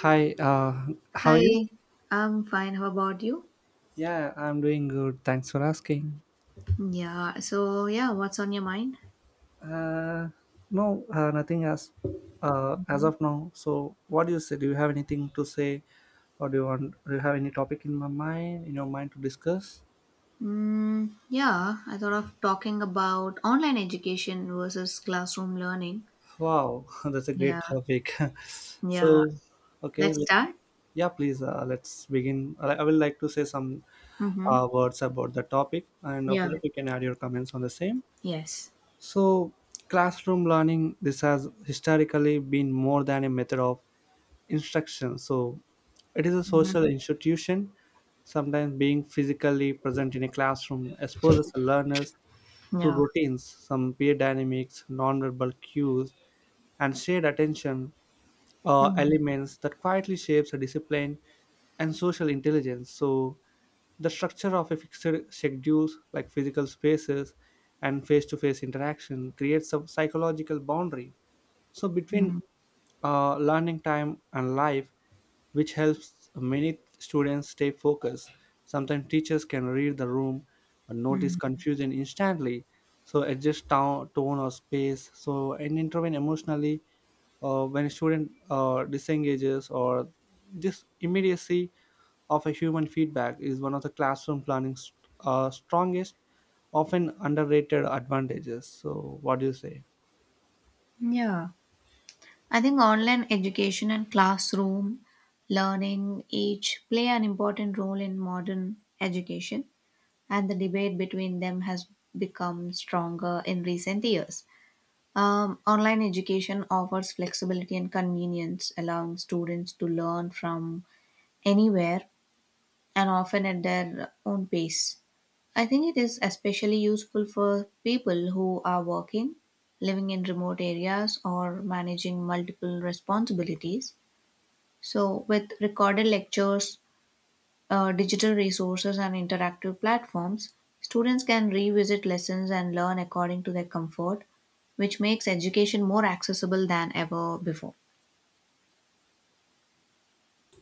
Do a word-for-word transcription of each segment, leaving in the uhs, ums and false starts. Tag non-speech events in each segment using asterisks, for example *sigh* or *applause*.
Hi, uh, how are you? Hi, I'm fine. How about you? Yeah, I'm doing good. Thanks for asking. Yeah, so yeah, what's on your mind? Uh, no, uh, nothing as uh, as of now. So, what do you say? Do you have anything to say, or do you want? Do you have any topic in my mind, in your mind to discuss? Mm, yeah, I thought of talking about online education versus classroom learning. Wow, *laughs* that's a Yeah, great topic. *laughs* yeah. so, okay, Let's let, start. yeah, please, uh, let's begin. I, I will like to say some Mm-hmm. uh, words about the topic, and after Yeah, that, you can add your comments on the same. yes. So, classroom learning, this has historically been more than a method of instruction. So, it is a social Mm-hmm. institution. Sometimes being physically present in a classroom exposes the learners to Yeah. routines, some peer dynamics, nonverbal cues, and shared attention, uh, Mm-hmm. elements that quietly shapes a discipline and social intelligence. So the structure of a fixed schedules, like physical spaces and face-to-face interaction, creates a psychological boundary so between Mm-hmm. uh, learning time and life, which helps many students stay focused. Sometimes teachers can read the room and notice confusion instantly, so adjust to- tone or space, so and intervene emotionally uh, when a student uh, disengages. Or this immediacy of a human feedback is one of the classroom learning's uh, strongest, often underrated advantages. So what do you say? Yeah. I think online education and classroom learning each play an important role in modern education. and the debate between them has become stronger in recent years. Um, online education offers flexibility and convenience, allowing students to learn from anywhere and often at their own pace. I think it is especially useful for people who are working, living in remote areas, or managing multiple responsibilities. So, with recorded lectures, uh, digital resources and interactive platforms, students can revisit lessons and learn according to their comfort, which makes education more accessible than ever before.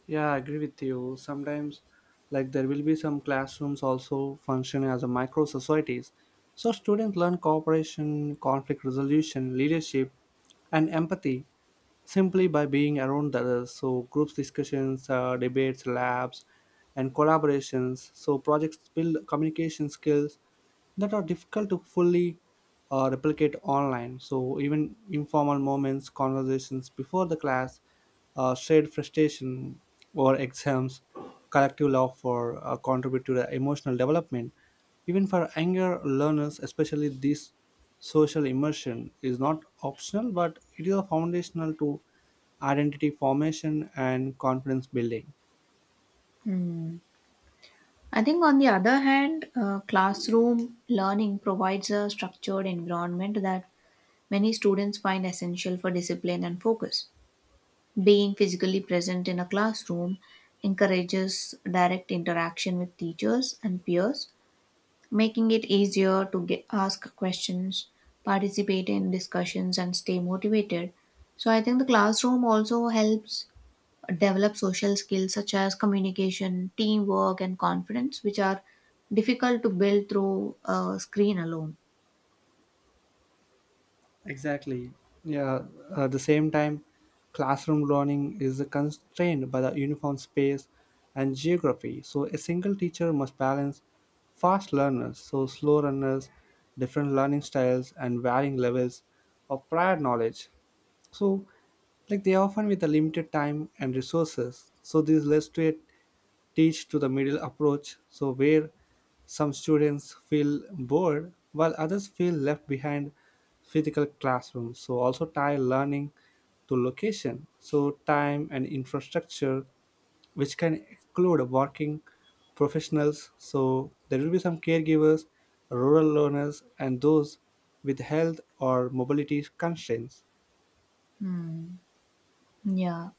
Yeah, I agree with you. Sometimes, like, there will be some classrooms also function as a micro societies. So, students learn cooperation, conflict resolution, leadership, and empathy simply by being around others. So, groups discussions, uh, debates, labs, and collaborations. So, projects build communication skills that are difficult to fully uh, replicate online. So, even informal moments, conversations before the class, uh, shared frustration or exams, collective laughter, uh, contribute to the emotional development. Even for younger learners, especially these, social immersion is not optional, but it is a foundational to identity formation and confidence building. Hmm. I think, on the other hand, uh, classroom learning provides a structured environment that many students find essential for discipline and focus. Being physically present in a classroom encourages direct interaction with teachers and peers, making it easier to get, ask questions, participate in discussions, and stay motivated. So I think the classroom also helps develop social skills such as communication, teamwork, and confidence, which are difficult to build through a screen alone. Exactly. Yeah. At the same time, classroom learning is constrained by the uniform space and geography. So a single teacher must balance fast learners, so slow learners, different learning styles, and varying levels of prior knowledge. So, like they often with a limited time and resources. So this leads to a teach to the middle approach. So where some students feel bored while others feel left behind physical classroom. So also tie learning to location. So time and infrastructure, which can exclude working professionals. So there will be some caregivers, rural learners, and those with health or mobility constraints. Hmm. Yeah.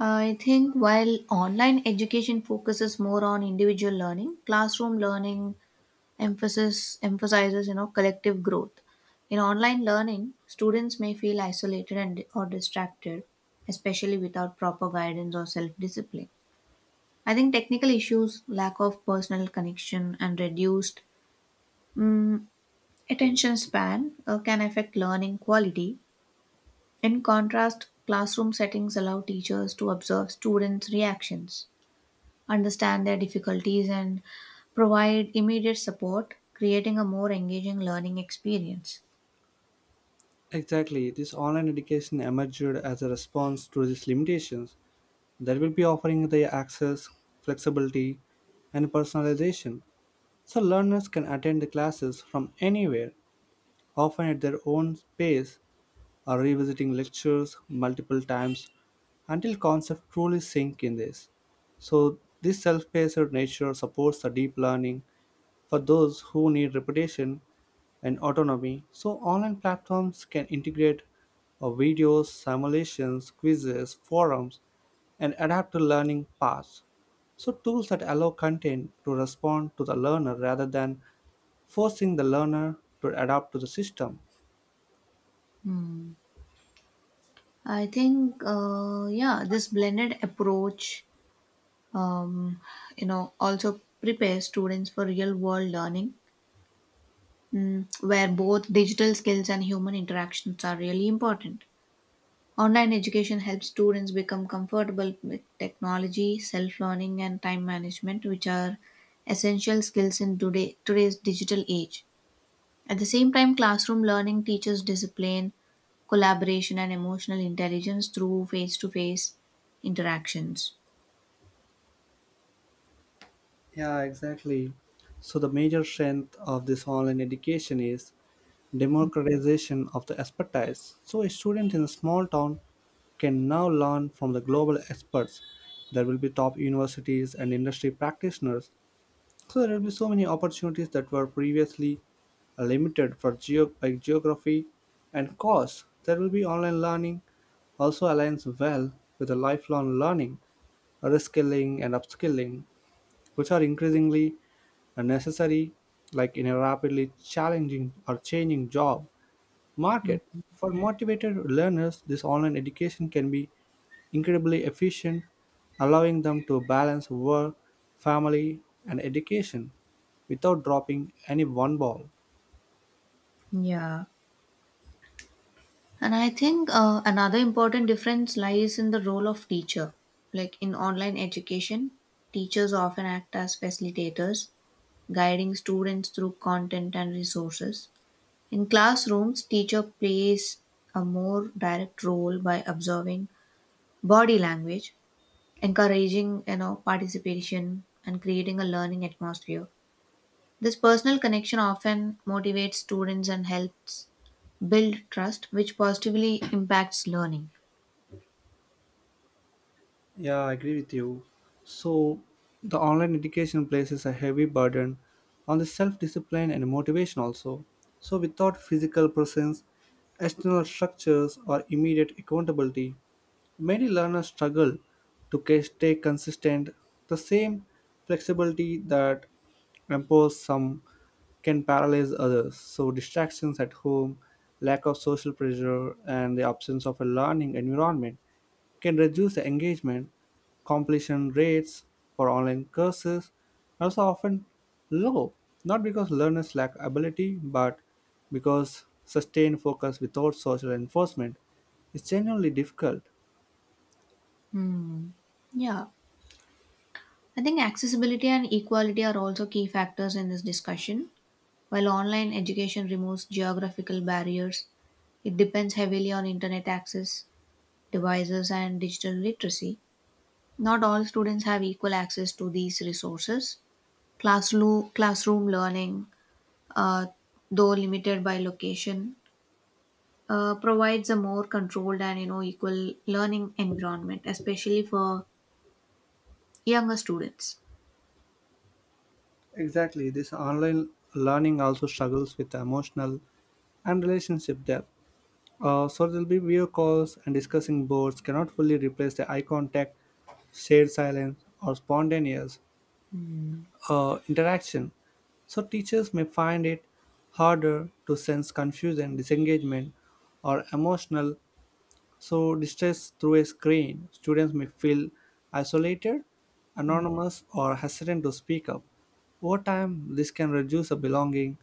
I think while online education focuses more on individual learning, classroom learning emphasis emphasizes you know collective growth. In online learning, students may feel isolated and or distracted, especially without proper guidance or self discipline. I think technical issues, lack of personal connection, and reduced mm, attention span uh, can affect learning quality. In contrast, classroom settings allow teachers to observe students reactions, understand their difficulties, and provide immediate support, creating a more engaging learning experience. Exactly, this online education emerged as a response to these limitations, that will be offering the access, flexibility, and personalization. So learners can attend the classes from anywhere, often at their own pace or revisiting lectures multiple times until concepts truly sink in this. So this self-paced nature supports the deep learning for those who need reputation and autonomy. So, online platforms can integrate uh, videos, simulations, quizzes, forums, and adapt to learning paths. So, tools that allow content to respond to the learner rather than forcing the learner to adapt to the system. Hmm. I think, uh, yeah, this blended approach, um, you know, also prepares students for real world learning, mm, where both digital skills and human interactions are really important. Online education helps students become comfortable with technology, self learning, and time management, which are essential skills in today, today's digital age. At the same time, classroom learning teaches discipline, collaboration, and emotional intelligence through face to face interactions. Yeah, exactly. So, the major strength of this online education is democratization of the expertise. So, a student in a small town can now learn from the global experts. There will be top universities and industry practitioners. So, there will be so many opportunities that were previously uh, limited for geo- by geography and cost. There will be online learning, also aligns well with the lifelong learning, reskilling, and upskilling, which are increasingly uh, necessary, like in a rapidly challenging or changing job market. For motivated learners, this online education can be incredibly efficient, allowing them to balance work, family, and education without dropping any one ball. Yeah. And I think uh, another important difference lies in the role of teacher. Like in online education, teachers often act as facilitators, guiding students through content and resources. In classrooms, teacher plays a more direct role by observing body language, encouraging you know participation and creating a learning atmosphere. This personal connection often motivates students and helps build trust, which positively impacts learning. Yeah, I agree with you. So, the online education places a heavy burden on the self discipline and motivation, also. So, without physical presence, external structures, or immediate accountability, many learners struggle to ca- stay consistent. The same flexibility that empowers some can paralyze others. So, distractions at home, lack of social pressure, and the absence of a learning environment can reduce the engagement. Completion rates for online courses are also often low, not because learners lack ability, but because sustained focus without social enforcement is genuinely difficult. Hmm. yeah i think accessibility and equality are also key factors in this discussion. While online education removes geographical barriers, it depends heavily on internet access, devices, and digital literacy. Not all students have equal access to these resources. Classroom, classroom learning, uh, though limited by location, uh, provides a more controlled and you know equal learning environment, especially for younger students. Exactly, this online learning also struggles with emotional and relationship depth. Uh, so there'll be video calls and discussing boards cannot fully replace the eye contact, shared silence, or spontaneous Hmm. uh, interaction. So teachers may find it harder to sense confusion, disengagement, or emotional so distress through a screen. Students may feel isolated, anonymous, or hesitant to speak up. Over time, this can reduce a belonging,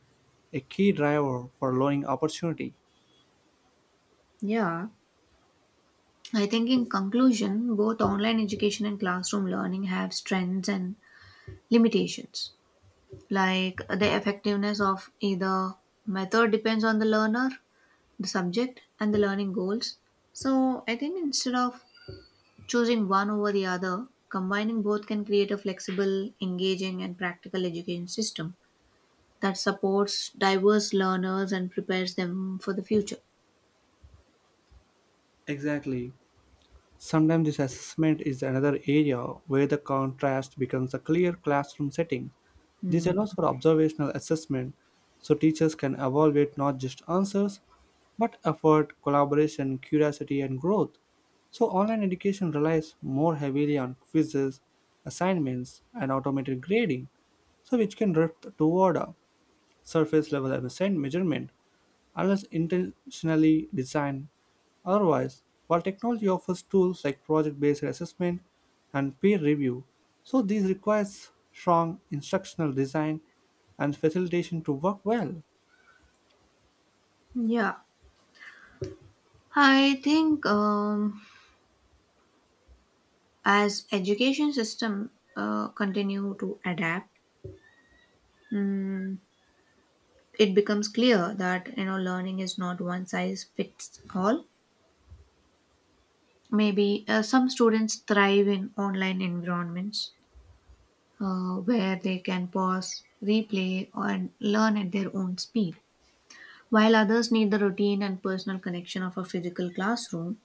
a key driver for lowering opportunity. Yeah. I think, in conclusion, both online education and classroom learning have strengths and limitations. Like the effectiveness of either method depends on the learner, the subject, and the learning goals. So, I think instead of Choosing one over the other, combining both can create a flexible, engaging, and practical education system that supports diverse learners and prepares them for the future. Exactly. Sometimes this assessment is another area where the contrast becomes a clear classroom setting. This Hmm. allows for observational assessment, so teachers can evaluate not just answers but effort, collaboration, curiosity, and growth. So, online education relies more heavily on quizzes, assignments, and automated grading, so which can drift toward a surface level measurement unless intentionally designed. Otherwise, while technology offers tools like project based assessment and peer review, so these requires strong instructional design and facilitation to work well. Yeah, I think um, as education system uh, continue to adapt, mm, it becomes clear that you know learning is not one size fits all. Maybe uh, some students thrive in online environments, uh, where they can pause, replay, and learn at their own speed. While others need the routine and personal connection of a physical classroom.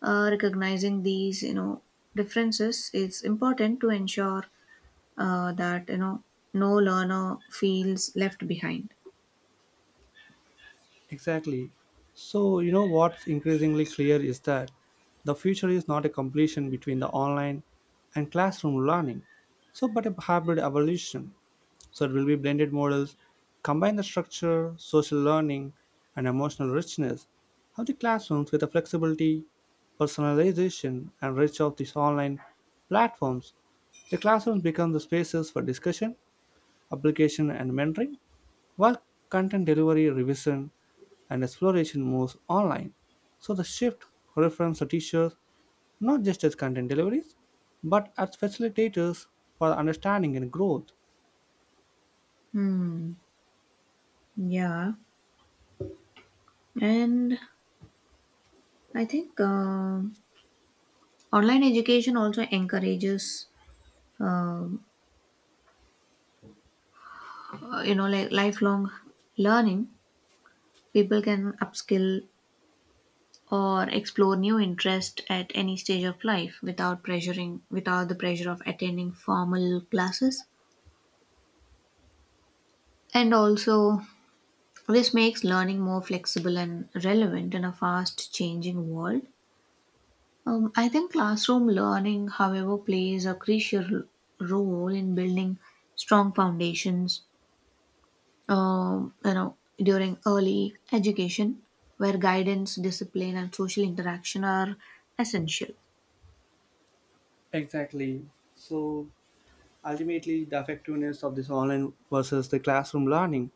Uh, recognizing these, you know, differences is important to ensure uh, that you know no learner feels left behind. Exactly. So, you know what's increasingly clear is that the future is not a completion between the online and classroom learning, so but a hybrid evolution. So, it will be blended models, combine the structure, social learning, and emotional richness of the classrooms with the flexibility, personalization, and reach of these online platforms. The classrooms become the spaces for discussion, application, and mentoring, while content delivery, revision, and exploration moves online. So the shift reframes to teachers not just as content deliveries, but as facilitators for understanding and growth. Hmm. Yeah, and I think um online education also encourages um, uh, you know like lifelong learning. People can upskill or explore new interest at any stage of life without pressuring without the pressure of attending formal classes. And also this makes learning more flexible and relevant in a fast changing world. um, i think classroom learning however plays a crucial role in building strong foundations, um, you know during early education, where guidance, discipline, and social interaction are essential. Exactly. So ultimately, the effectiveness of this online versus the classroom learning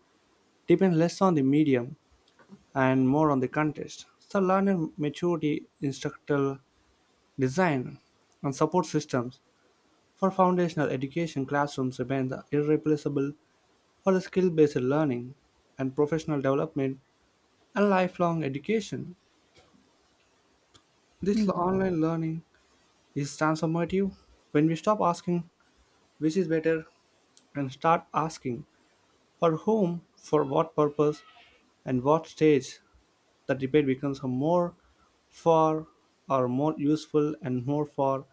depends less on the medium and more on the context. So learner maturity, instructional design, and support systems. For foundational education, classrooms remain the irreplaceable. For the skill-based learning and professional development and lifelong education, this l- Mhm. online learning is transformative. When we stop asking which is better and start asking for whom, for what purpose, and what stage, the debate becomes a more for or more useful and more for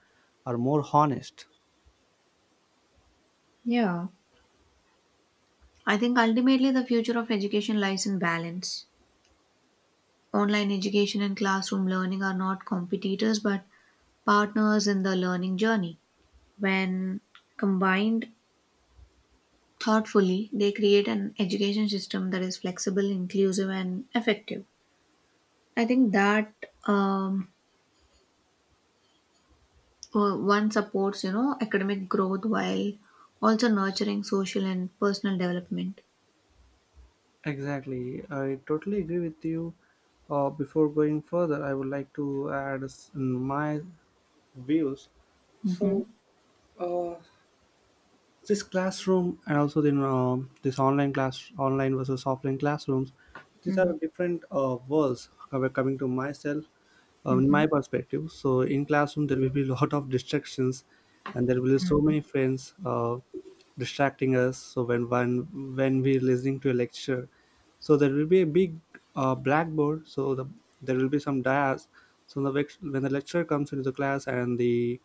or more honest. yeah I think ultimately the future of education lies in balance. Online education and classroom learning are not competitors but partners in the learning journey. When combined thoughtfully, they create an education system that is flexible, inclusive, and effective. I think that um, uh, one supports, you know, academic growth while also nurturing social and personal development. Exactly. I totally agree with you. Uh, before going further, I would like to add s- my views. Mm-hmm. So, uh, this classroom and also then, uh, this online class, online versus offline classrooms, these Mm-hmm. are different uh, worlds. Coming to myself, uh, in Mm-hmm. my perspective, so in classroom there will be *laughs* a lot of distractions, and there will be so many friends uh, distracting us. So when when when we're listening to a lecture, so there will be a big, uh, blackboard. So the, there will be some dias. So the lect- when the lecturer comes into the class and the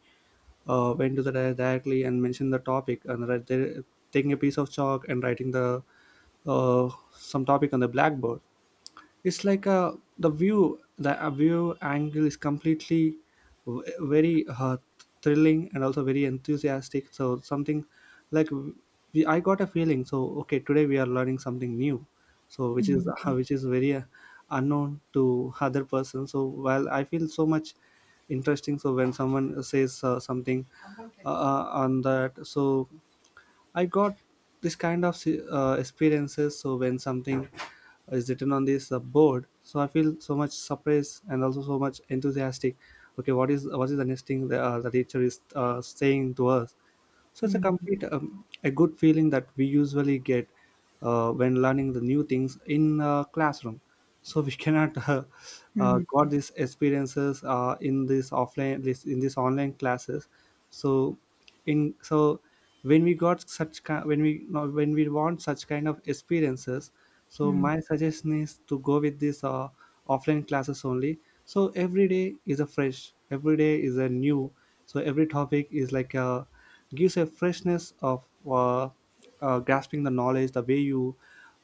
uh, went to the dia directly and mentioned the topic, and right there taking a piece of chalk and writing the, uh, some topic on the blackboard, it's like a the view the a view angle is completely v- very uh, thrilling and also very enthusiastic. So something like we, I got a feeling, so okay, today we are learning something new, so which is *laughs* which is very uh, unknown to other person. So while I feel so much interesting, so when someone says, uh, something uh, uh, on that, so I got this kind of, uh, experiences. So when something is written on this, uh, board, so I feel so much surprised and also so much enthusiastic. Okay, what is what is the next thing that, uh, the teacher is uh, saying to us? So it's a Mm-hmm. Mm-hmm. complete um, a good feeling that we usually get uh, when learning the new things in, uh, classroom. So we cannot *laughs* uh, uh, Mm-hmm. got these experiences uh, in this offline, this in this online classes. So in so when we got such ki- when we no, when we want such kind of experiences. So Mm-hmm. my suggestion is to go with this, uh, offline classes only. So every day is a fresh. Every day is a new. So every topic is like a gives a freshness of uh, uh, grasping the knowledge. The way you,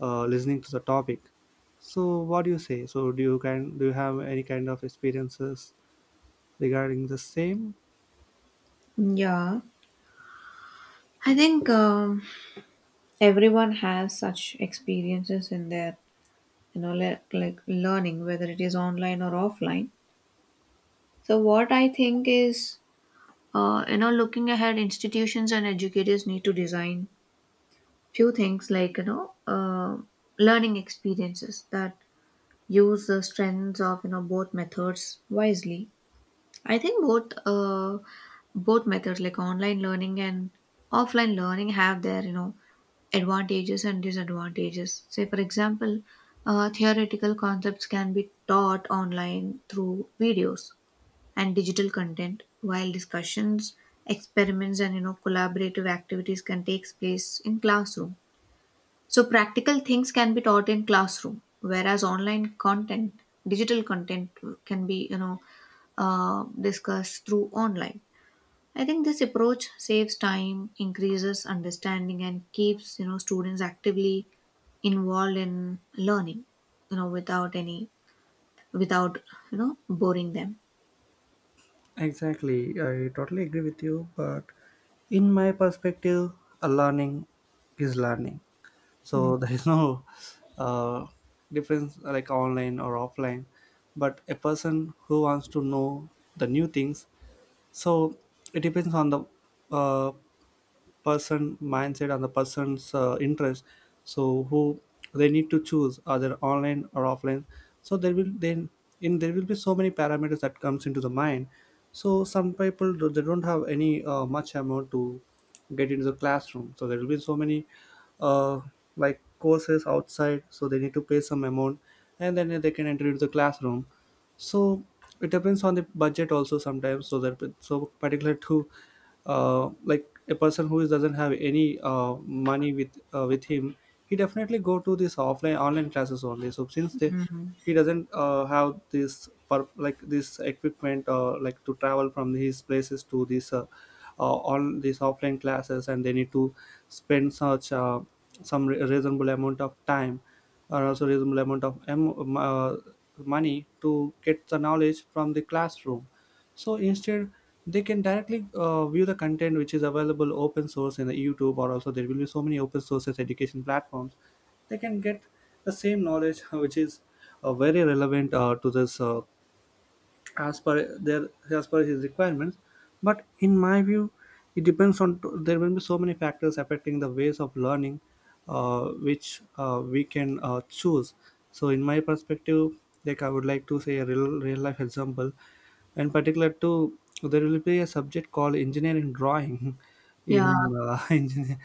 uh, listening to the topic, so what do you say? So do you can do you have any kind of experiences regarding the same? Yeah. I think um, everyone has such experiences in their, you know, le- like learning, whether it is online or offline. So, what I think is, uh, you know, looking ahead, institutions and educators need to design few things like, you know, uh, learning experiences that use the strengths of, you know, both methods wisely. I think both, uh, both methods like online learning and offline learning have their, you know, advantages and disadvantages. Say, for example, uh, theoretical concepts can be taught online through videos and digital content, while discussions, experiments, and you know collaborative activities can take place in classroom. So, practical things can be taught in classroom, whereas online content, digital content, can be you know uh, discussed through online. I think this approach saves time, increases understanding, and keeps you know students actively involved in learning. You know, without any, without you know boring them. Exactly, I totally agree with you. But in my perspective, a learning is learning. so *laughs* there is no uh, difference like online or offline, but a person who wants to know the new things. So it depends on the uh, person mindset and the person's uh, interest. So who, they need to choose either online or offline. So there will then in there will be so many parameters that comes into the mind. So some people do- they don't have any uh, much amount to get into the classroom, so there will be so many uh, like courses outside, so they need to pay some amount and then they can enter into the classroom. So it depends on the budget also sometimes, so that so particular to uh, like a person who is, doesn't have any uh, money with uh, with him, he definitely go to this offline online classes only. So since they Mm-hmm. he doesn't uh, have this per, like this equipment uh, like to travel from his places to this uh, uh, on these offline classes, and they need to spend such uh, some re- reasonable amount of time or also reasonable amount of em- uh, money to get the knowledge from the classroom. So instead they can directly uh, view the content which is available open source in the YouTube, or also there will be so many open sources education platforms. They can get the same knowledge *laughs* which is uh, very relevant uh, to this uh, as per their as per his requirements. But in my view, it depends on there will be so many factors affecting the ways of learning, uh, which uh, we can uh, choose. So in my perspective, like, I would like to say a real real life example. In particular to, there will be a subject called engineering drawing *laughs* in Yeah. uh, *laughs* engineer,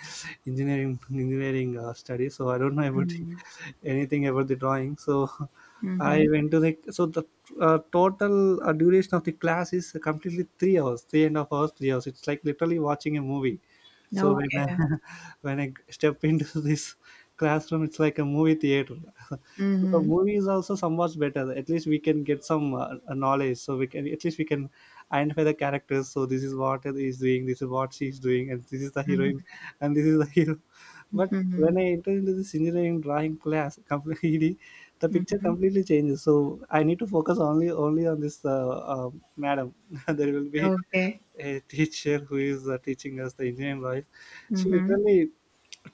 engineering engineering uh, studies. So I don't know about Mm-hmm. *laughs* anything about the drawing. So *laughs* I went to like so the uh, total uh, duration of the class is completely three hours, three and a half hours, three hours. It's like literally watching a movie. So when I, Okay. *laughs* when I step into *laughs* this classroom, it's like a movie theater. *laughs* So the Mm-hmm. movie is also somewhat better. At least we can get some uh, uh, knowledge. So we can at least we can identify the characters. So this is what he is doing. This is what she is doing, and this is the heroine, and this is the hero. *laughs* But when Mm-hmm. I entered into this engineering drawing class, *laughs* completely the picture Mm-hmm. completely changes. So I need to focus only only on this uh, uh, madam. *laughs* There will be Okay. a teacher who is uh, teaching us the engineering law. She Mm-hmm. literally,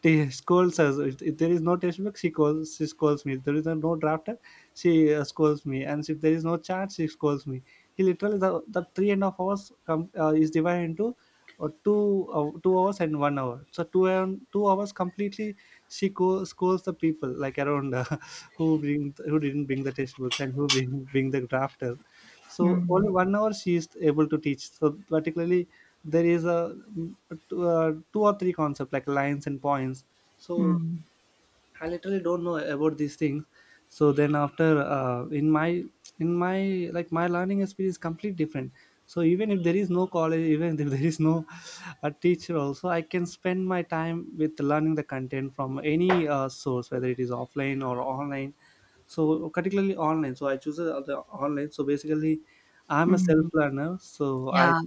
she scolds us. If, if there is no textbook, she calls. She scolds me. If there is no drafter, she uh, scolds me. And if there is no chart, she scolds me. He literally the, the three and a half hours come uh, is divided into uh, two uh, two hours and one hour. So two and two hours completely she co- scolds the people like around uh, *laughs* who bring who didn't bring the textbooks and who bring bring the drafter. So Mm-hmm. only one hour she is able to teach. So particularly there is a, two uh, two or three concept like lines and points. So I literally don't know about these things. So then after uh, in my in my like my learning experience is completely different. So even if there is no college, even if *laughs* there is no a teacher also, I can spend my time with learning the content from any uh, source whether it is offline or online. So particularly online, so I choose uh, the online. So basically I'm a self Mm-hmm. learner, so i Yeah.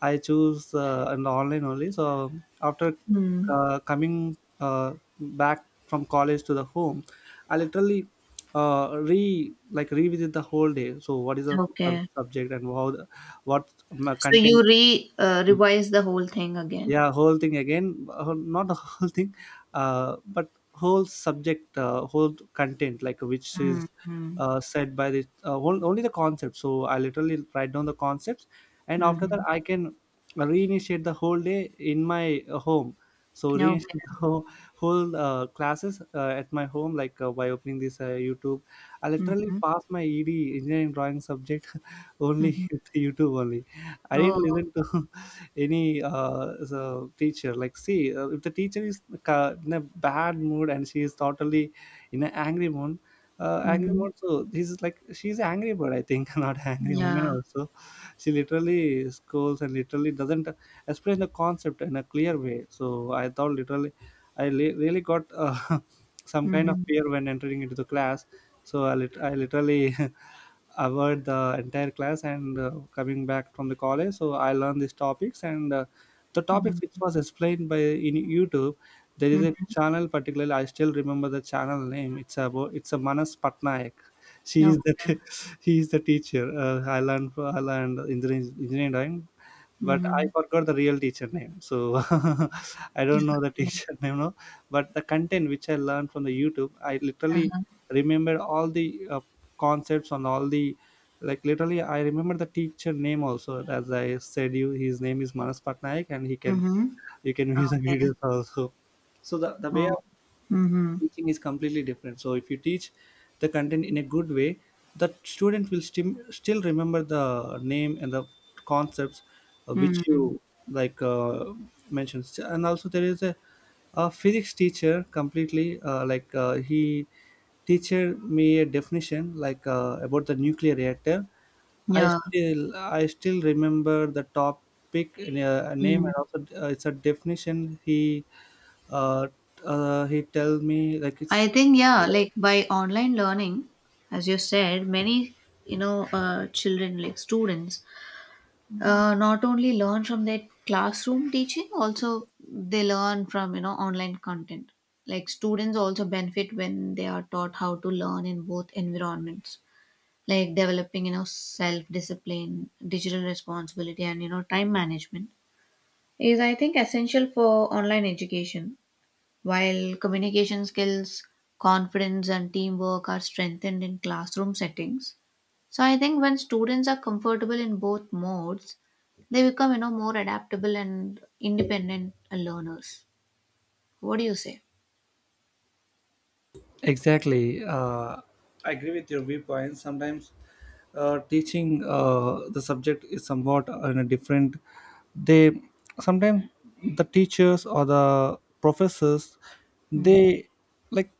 I choose uh, an online only. So after Mm. uh, coming uh, back from college to the home, I literally uh, re like revisit the whole day. So what is the sub- Okay. subject and how the, what my So you content? re uh, revise the whole thing again. Yeah, whole thing again, uh, not the *laughs* whole thing, uh, but whole subject, uh, whole content like which is Mm-hmm. uh, said by the uh, on- only the concept. So I literally write down the concepts, and after that Mhm. I can reinitiate the whole day in my uh, home. So reinitiate *laughs* the Okay. whole, whole uh, classes uh, at my home like uh, by opening this uh, YouTube. I literally Mhm. pass my ed engineering drawing subject *laughs* only Mhm. with YouTube only. I didn't Oh. listen to *laughs* any uh, so teacher, like see uh, if the teacher is ca- in a bad mood and she is totally in an angry mood, uh, angry Mhm. mood so this is like she's angry bird, I think. *laughs* Not angry woman Yeah. also. She literally scolds and literally doesn't explain the concept in a clear way. So I thought literally i li- really got uh, *laughs* some kind of Mhm. fear when entering into the class. So i, lit- I literally *laughs* avoid the entire class, and uh, coming back from the college, so I learned these topics, and uh, the topics which Mhm. was explained by in YouTube. There is a Mhm. channel particularly, I still remember the channel name. It's about it's a Manas Patnaik. She Okay. is the t- *laughs* he is the teacher. uh, i learned i learned engineering engineering but I Mhm. forgot the real teacher name. So *laughs* I don't know the Okay. teacher *laughs* name now. But the content which I learned from the YouTube, I literally Uh-huh. remembered all the uh, concepts on all the, like literally I remember the teacher name also. As I said, you his name is Manas Patnaik, and he can Mhm. you can view the *laughs* Okay. videos also. So the, the way Oh. Mhm. teaching is completely different. So if you teach the content in a good way, the student will stim- still remember the name and the concepts uh, which Mhm. you like uh, mentions. And also there is a, a physics teacher completely, uh, like uh, he teacher me a definition like uh, about the nuclear reactor. i Yeah. still I still remember the topic and, uh, name Mm. and also uh, it's a definition. He uh, uh, he tell me like I it's think yeah, like by online learning, as you said, many you know uh, children like students uh, not only learn from their classroom teaching, also they learn from you know online content. Like students also benefit when they are taught how to learn in both environments, like developing you know self discipline, digital responsibility, and you know time management is, i think, essential for online education, while communication skills, confidence, and teamwork are strengthened in classroom settings. So I think when students are comfortable in both modes, they become, you know, more adaptable and independent learners. What do you say? Exactly. Uh, I agree with your viewpoint. Sometimes uh, teaching uh, the subject is somewhat in a different. They sometimes the teachers or the professors, Mm, they like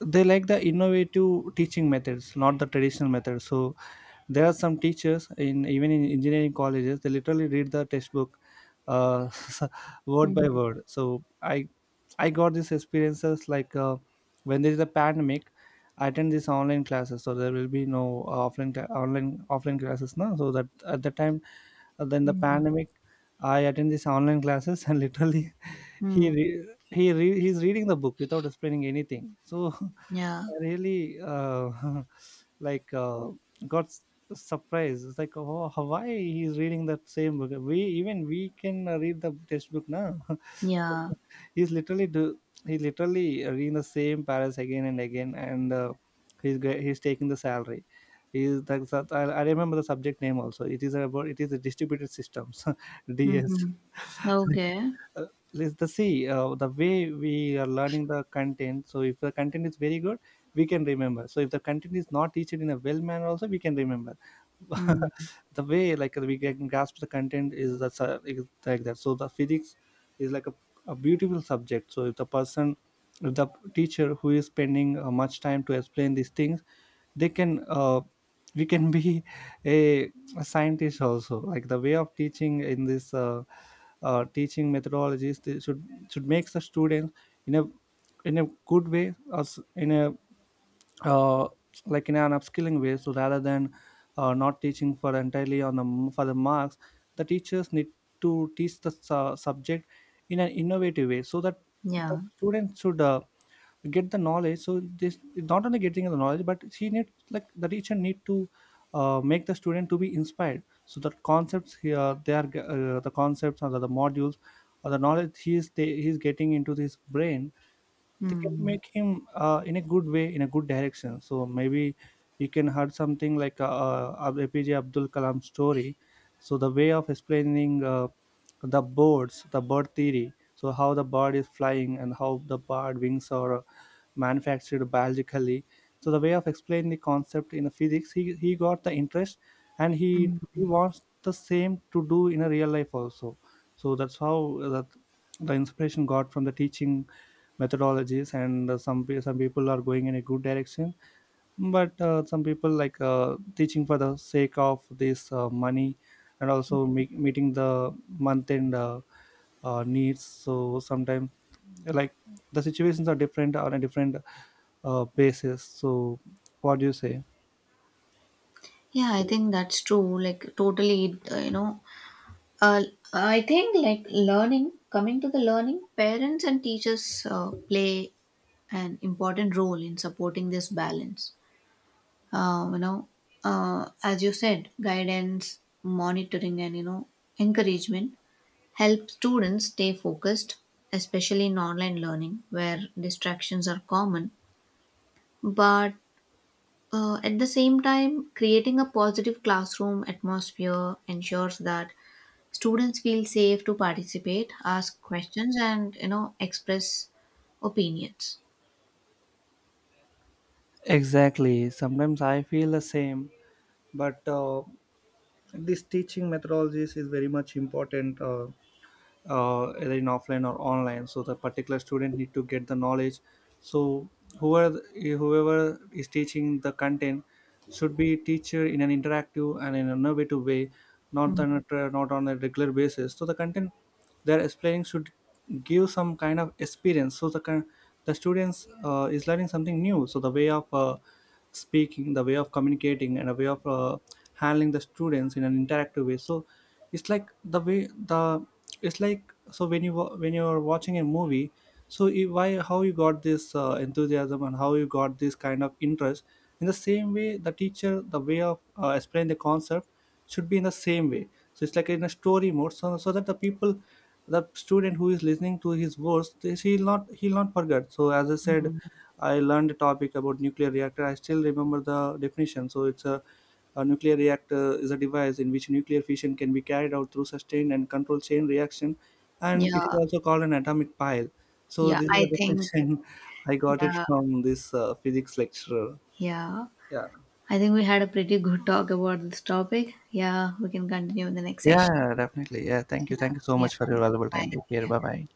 they like the innovative teaching methods, not the traditional methods. So there are some teachers in even in engineering colleges, they literally read the textbook uh, *laughs* word by mm, word. So I I got these experiences like. Uh, when there is a pandemic, I attend these online classes. So there will be no uh, offline cla- online offline classes now. So that at the time uh, then the mm, pandemic, I attend these online classes, and *laughs* literally he hmm. re- he re- he's reading the book without explaining anything. So *laughs* Yeah. I really uh, *laughs* like uh, got s- surprised. It's like, oh, how- why he's reading that same book? We even we can uh, read the textbook now. *laughs* So Yeah. he's literally do he literally reading the same paras again and again, and uh, he's ge- he's taking the salary. Is that that- I, I remember the subject name also. It is about it is a distributed systems. *laughs* DS mm, *laughs* Okay. uh, let's the see uh, the way we are learning the content. So if the content is very good, we can remember. So if the content is not teached in a well manner also, we can remember mm, *laughs* the way, like we can grasp the content is the su- is like that. So the physics is like a, a beautiful subject. So if the person, if the teacher who is spending uh, much time to explain these things, they can uh, we can be *laughs* a, a scientist also. Like the way of teaching in this uh, uh, teaching methodologies, they should should make the students in a in a good way, or s- in a uh, like in an upskilling way. So rather than uh, not teaching for entirely on the m- for the marks, the teachers need to teach the su- subject in an innovative way, so that the Yeah. students should uh, get the knowledge. So this not only getting the knowledge, but she needs, like the teacher need to uh, make the student to be inspired. So the concepts here they are uh, the concepts or the, the modules or the knowledge he is ta- he is getting into his brain, they can Hmm. make him uh, in a good way, in a good direction. So maybe you can heard something like uh, uh, APJ Abdul Kalam story. So the way of explaining uh, the birds the bird theory, so how the bird is flying and how the bird wings are uh, manufactured biologically. So the way of explaining the concept in the physics, he, he got the interest, and he mm, he wants the same to do in a real life also. So that's how uh, that the inspiration got from the teaching methodologies. And uh, some pe- some people are going in a good direction, but uh, some people like uh, teaching for the sake of this uh, money, and also me- meeting the month end uh, uh, needs. So sometimes like the situations are different on a different uh, basis. So what do you say? Yeah, I think that's true. Like, totally, it, uh, you know, Uh, I think like learning, coming to the learning, parents and teachers uh, play an important role in supporting this balance. Uh, you know, uh, as you said, guidance, monitoring, and you know, encouragement help students stay focused, especially in online learning where distractions are common. But uh, at the same time, creating a positive classroom atmosphere ensures that Students feel safe to participate, ask questions, and you know express opinions. Exactly, sometimes I feel the same. But uh, this teaching methodologies is very much important, uh, uh, either in offline or online. So the particular student need to get the knowledge. So whoever, whoever is teaching the content should be teacher in an interactive and in an innovative way, not Mm. on a, tra- not on a regular basis. So the content they're explaining should give some kind of experience. So the kind, the students uh, is learning something new. So the way of uh, speaking, the way of communicating, and a way of uh, handling the students in an interactive way. So it's like the way the, it's like so when you wa- when you're watching a movie, so i- why how you got this uh, enthusiasm and how you got this kind of interest. In the same way the teacher, the way of uh, explaining the concept should be in the same way. So it's like in a story mode, so, so that the people, the student who is listening to his words, they, he'll not he'll not forget. So as I said, I learned a topic about nuclear reactor. I still remember the definition. So it's a a nuclear reactor is a device in which nuclear fission can be carried out through sustained and controlled chain reaction, and it is Yeah, also called an atomic pile. So yeah. this is the I think, definition. *laughs* I got it yeah, from this uh, physics lecturer. yeah. Yeah. I think we had a pretty good talk about this topic. Yeah, we can continue in the next session. Yeah, definitely. Yeah. Thank you. Yeah, Thank you so yeah. much for your valuable Bye. time. Take care. Yeah. Bye bye.